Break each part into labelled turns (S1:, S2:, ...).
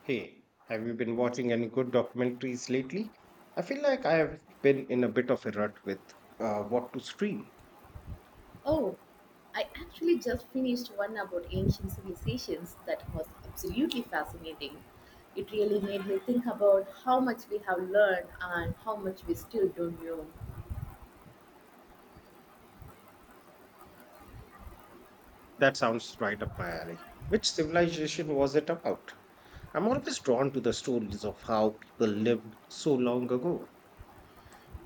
S1: Hey, have you been watching any good documentaries lately? I feel like I have been in a bit of a rut with what to stream.
S2: Oh, I actually just finished one about ancient civilizations that was absolutely fascinating. It really made me think about how much we have learned and how much we still don't know.
S1: That sounds right up my alley. Which civilization was it about? I'm always drawn to the stories of how people lived so long ago.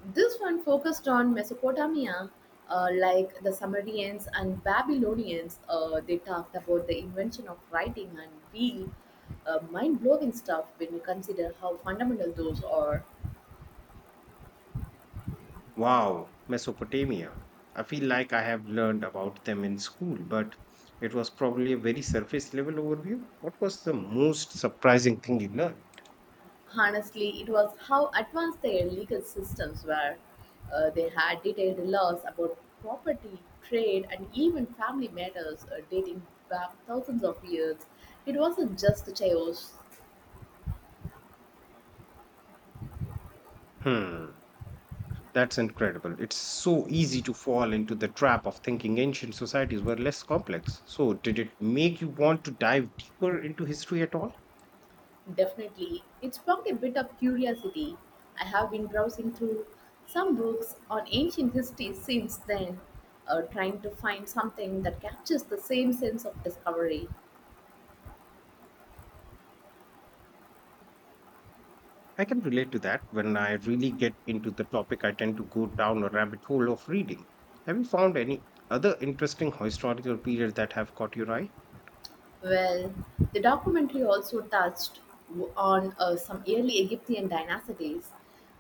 S2: This one focused on Mesopotamia, like the Sumerians and Babylonians. They talked about the invention of writing and real mind blowing stuff when you consider how fundamental those are.
S1: Wow, Mesopotamia. I feel like I have learned about them in school, but it was probably a very surface level overview. What was the most surprising thing you learned?
S2: Honestly, it was how advanced their legal systems were. They had detailed laws about property, trade, and even family matters dating back thousands of years. It wasn't just chaos,
S1: Hmm, that's incredible. It's so easy to fall into the trap of thinking ancient societies were less complex. So, did it make you want to dive deeper into history at all?
S2: definitely. It sparked a bit of curiosity. I have been browsing through some books on ancient history since then, trying to find something that captures the same sense of discovery.
S1: I can relate to that. When I really get into the topic, I tend to go down a rabbit hole of reading. Have you found any other interesting historical periods that have caught your eye?
S2: Well, the documentary also touched on some early Egyptian dynasties,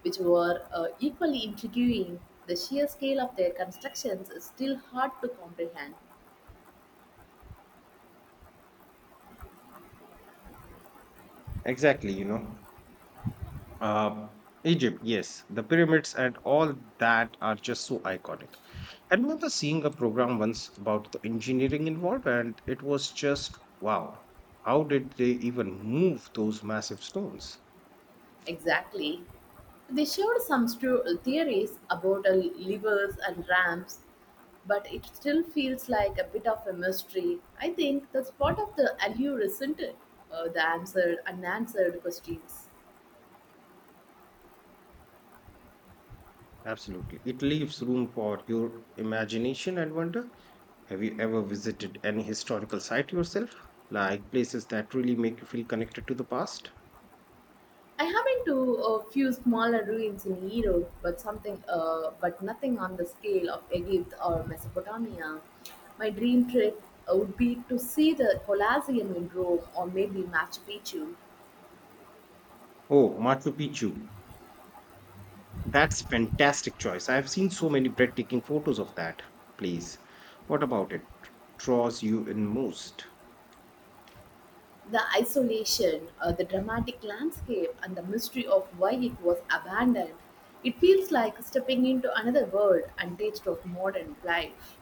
S2: which were equally intriguing. The sheer scale of their constructions is still hard to comprehend.
S1: Exactly. you know. Uh, Egypt, yes. The pyramids and all that are just so iconic. I remember seeing a program once about the engineering involved, and it was just wow. How did they even move those massive stones?
S2: Exactly. They showed some theories about levers and ramps, but it still feels like a bit of a mystery. I think that's part of the allure, isn't it? The answered, unanswered questions.
S1: Absolutely. It leaves room for your imagination and wonder. Have you ever visited any historical site yourself? Like places that really make you feel connected to the past?
S2: I have been to a few smaller ruins in Europe, but but nothing on the scale of Egypt or Mesopotamia. My dream trip would be to see the Colosseum in Rome or maybe Machu Picchu.
S1: Oh, Machu Picchu. That's fantastic choice. I've seen so many breathtaking photos of that place. What about it draws you in most?
S2: The isolation, the dramatic landscape, and the mystery of why it was abandoned. It feels like stepping into another world and taste of modern life.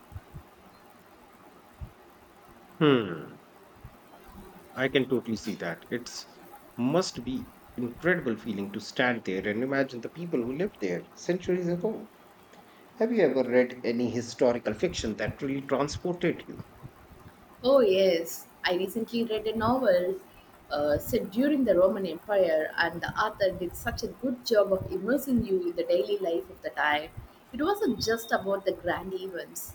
S1: Hmm, I can totally see that. It's must be incredible feeling to stand there and imagine the people who lived there centuries ago. Have you ever read any historical fiction that really transported you?
S2: Oh, yes. I recently read a novel set during the Roman Empire, and the author did such a good job of immersing you in the daily life of the time. It wasn't just about the grand events.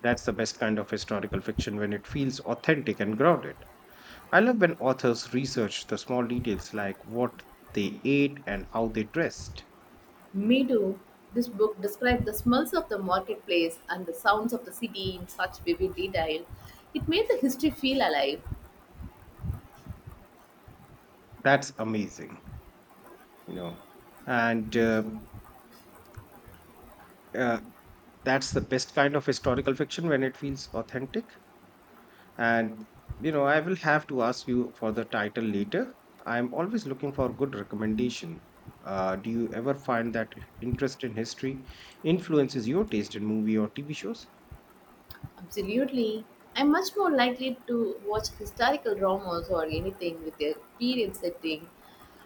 S1: That's the best kind of historical fiction when it feels authentic and grounded. I love when authors research the small details like what they ate and how they dressed.
S2: Me too. This book described the smells of the marketplace and the sounds of the city in such vivid detail. It made the history feel alive.
S1: That's amazing. You know. And uh, that's the best kind of historical fiction when it feels authentic. And you know, I will have to ask you for the title later. I'm always looking for good recommendation. Do you ever find that interest in history influences your taste in movie or TV shows?
S2: Absolutely. I'm much more likely to watch historical dramas or anything with a period setting.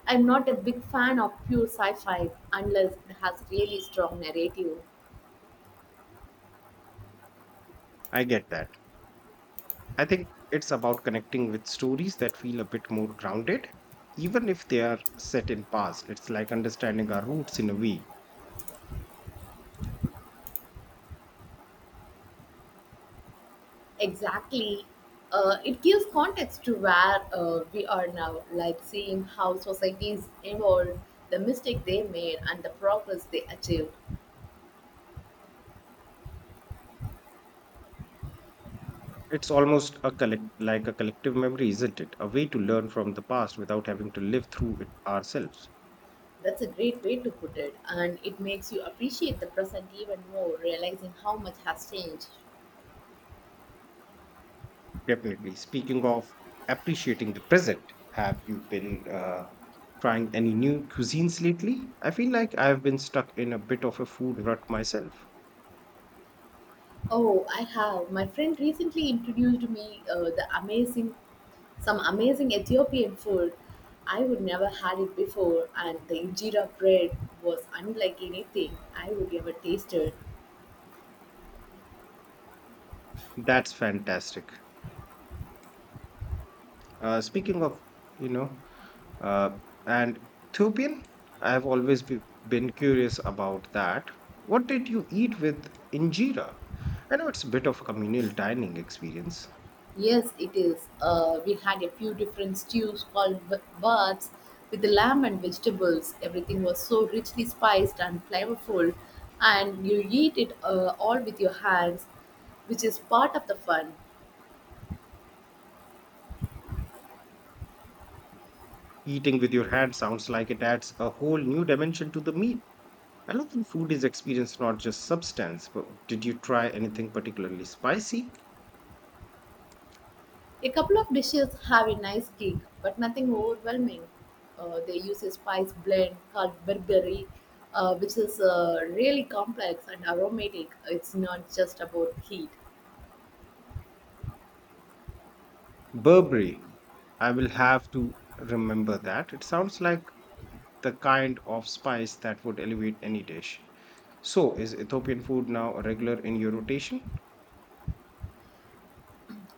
S2: I'm not a big fan of pure sci fi unless it has really strong narrative.
S1: I get that. I think it's about connecting with stories that feel a bit more grounded, even if they are set in past. It's like understanding our roots in a way.
S2: Exactly. It gives context to where we are now, like seeing how societies evolved, the mistake they made, and the progress they achieved.
S1: It's almost a collective memory, isn't it? A way to learn from the past without having to live through it ourselves.
S2: That's a great way to put it, and it makes you appreciate the present even more, realizing how much has changed.
S1: Definitely. Speaking of appreciating the present, have you been trying any new cuisines lately? I feel like I've been stuck in a bit of a food rut myself.
S2: Oh, I have. My friend recently introduced me some amazing Ethiopian food. I would never had it before, and the injera bread was unlike anything I would ever tasted.
S1: That's fantastic. Speaking of, you know, Uh, and Ethiopian, I have always been curious about that. What did you eat with injera? I know it's a bit of a communal dining experience.
S2: Yes, it is. We had a few different stews called baths with the lamb and vegetables. Everything was so richly spiced and flavorful, and you eat it all with your hands, which is part of the fun.
S1: Eating with your hand sounds like it adds a whole new dimension to the meal. I love when food is experience, not just substance. But did you try anything particularly spicy?
S2: A couple of dishes have a nice kick, but nothing overwhelming. They use a spice blend called berberry, which is really complex and aromatic. It's not just about heat.
S1: Burberry. I will have to remember that. It sounds like the kind of spice that would elevate any dish. So, is Ethiopian food now a regular in your rotation?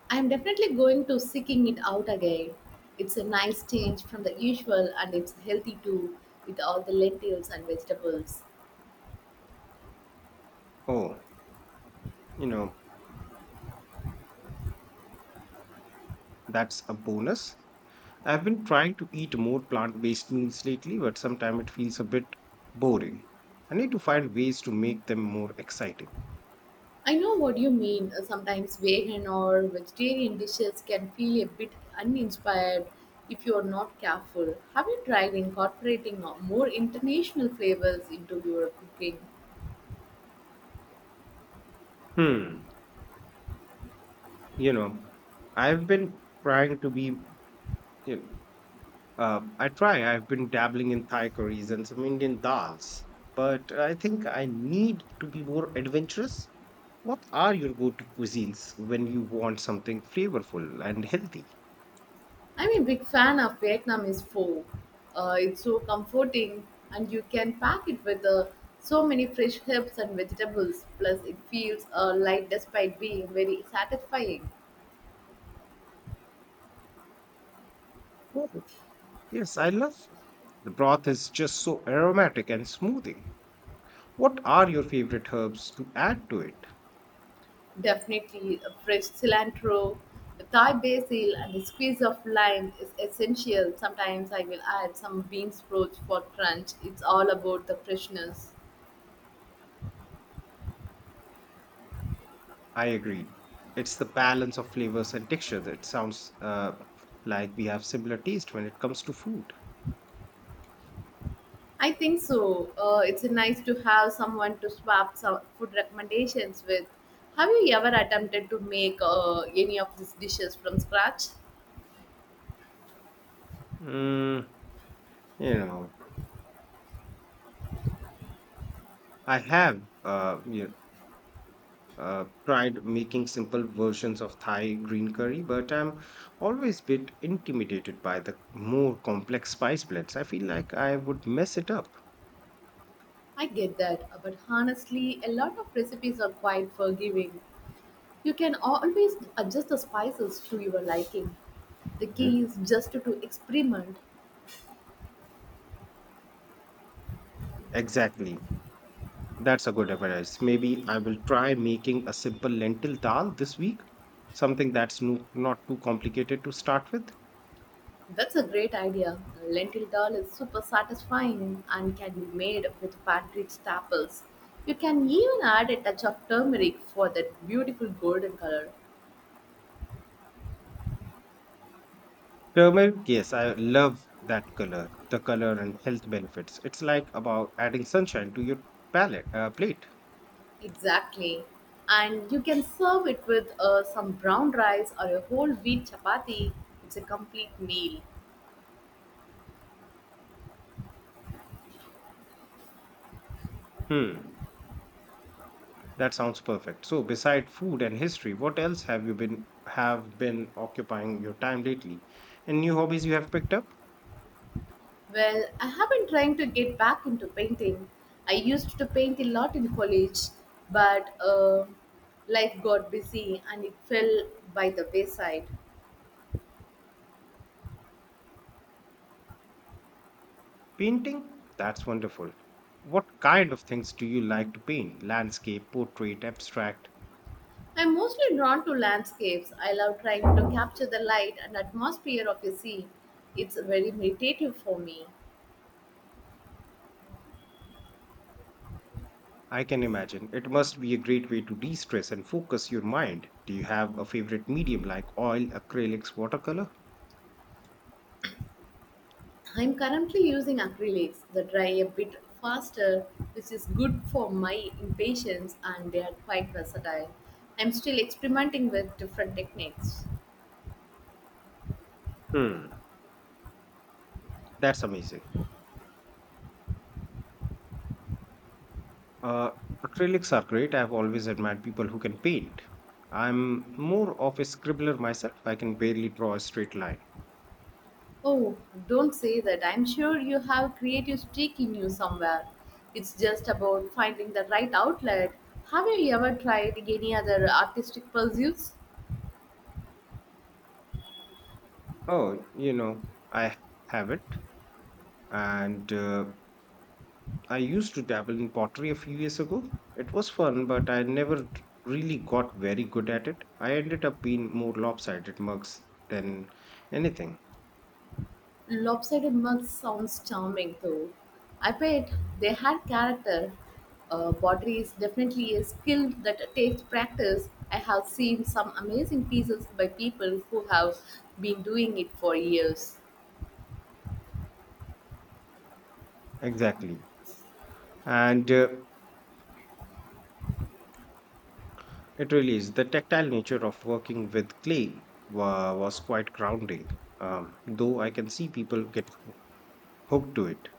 S2: I'm definitely going to seeking it out again. It's a nice change from the usual, and it's healthy too, with all the lentils and vegetables.
S1: Oh, you know, that's a bonus. I've been trying to eat more plant based meals lately, but sometimes it feels a bit boring. I need to find ways to make them more exciting.
S2: I know what you mean. Sometimes vegan or vegetarian dishes can feel a bit uninspired if you are not careful. Have you tried incorporating more international flavors into your cooking?
S1: Hmm, you know, I've been trying to be you know, I try. I've been dabbling in Thai curries and some Indian dals, but I think I need to be more adventurous. What are your go-to cuisines when you want something flavorful and healthy?
S2: I'm a big fan of Vietnamese pho. It's so comforting, and you can pack it with so many fresh herbs and vegetables. Plus, it feels light despite being very satisfying.
S1: Yes, I love soup. The broth is just so aromatic and smoothing. What are your favorite herbs to add to it?
S2: Definitely, a fresh cilantro, a Thai basil, and a squeeze of lime is essential. Sometimes I will add some bean sprouts for crunch. It's all about the freshness.
S1: I agree. It's the balance of flavors and textures. It sounds like we have similar taste when it comes to food.
S2: I think so. It's nice to have someone to swap some food recommendations with. Have you ever attempted to make any of these dishes from scratch?
S1: Mm, you know, I have you tried making simple versions of Thai green curry, but I'm always bit intimidated by the more complex spice blends. I feel like I would mess it up.
S2: I get that, but honestly, a lot of recipes are quite forgiving. You can always adjust the spices to your liking. The key is just to experiment.
S1: Exactly. That's a good advice. Maybe I will try making a simple lentil dal this week, something that's no, not too complicated to start with.
S2: That's a great idea. Lentil dal is super satisfying and can be made with pantry staples. You can even add a touch of turmeric for that beautiful golden color.
S1: Turmeric, yes, I love that color, the color and health benefits. It's like about adding sunshine to your plate.
S2: Exactly. And you can serve it with some brown rice or a whole wheat chapati. It's a complete meal.
S1: Hmm, that sounds perfect. So, beside food and history, what else have been occupying your time lately? And new hobbies you have picked up?
S2: Well, I have been trying to get back into painting. I used to paint a lot in college, but life got busy and it fell by the wayside.
S1: Painting? That's wonderful. What kind of things do you like to paint? Landscape, portrait, abstract?
S2: I'm mostly drawn to landscapes. I love trying to capture the light and atmosphere of a sea. It's very meditative for me.
S1: I can imagine. It must be a great way to de stress and focus your mind. Do you have a favorite medium like oil, acrylics, watercolor?
S2: I'm currently using acrylics that dry a bit faster, which is good for my impatience, and they are quite versatile. I'm still experimenting with different techniques.
S1: Hmm, that's amazing. Uh, Acrylics are great. I've always admired people who can paint. I'm more of a scribbler myself. I can barely draw a straight line.
S2: Oh, don't say that. I'm sure you have creative streak in you somewhere. It's just about finding the right outlet. Have you ever tried any other artistic pursuits?
S1: Oh, you know, I have it. And I used to dabble in pottery a few years ago. It was fun, but I never really got very good at it. I ended up being more lopsided mugs than anything.
S2: Lopsided mug sounds charming though. I bet they had character. Pottery is definitely a skill that takes practice. I have seen some amazing pieces by people who have been doing it for years.
S1: Exactly. And It really is. The tactile nature of working with clay was quite grounding, though I can see people get hooked to it.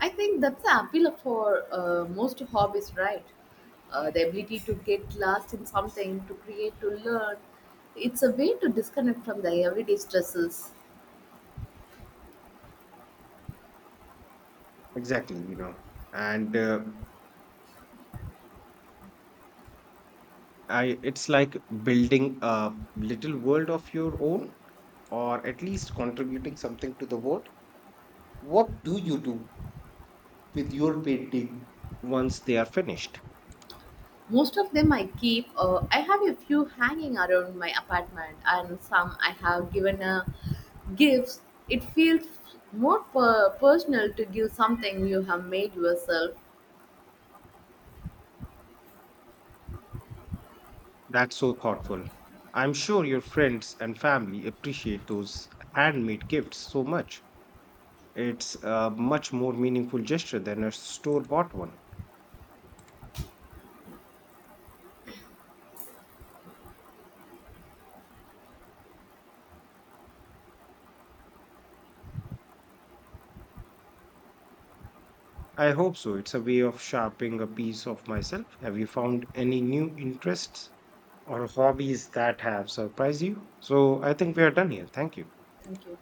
S2: I think that's the appeal for most hobbies, right? The ability to get lost in something, to create, to learn. It's a way to disconnect from the everyday stresses.
S1: Exactly. And uh, it's like building a little world of your own, or at least contributing something to the world. What do you do with your painting once they are finished?
S2: Most of them I keep. I have a few hanging around my apartment, and some I have given a gifts. It feels more personal to give something you have made yourself.
S1: That's so thoughtful. I'm sure your friends and family appreciate those handmade gifts so much. It's a much more meaningful gesture than a store bought one. I hope so. It's a way of sharpening a piece of myself. Have you found any new interests or hobbies that have surprised you? So I think we are done here. Thank you.
S2: Thank you.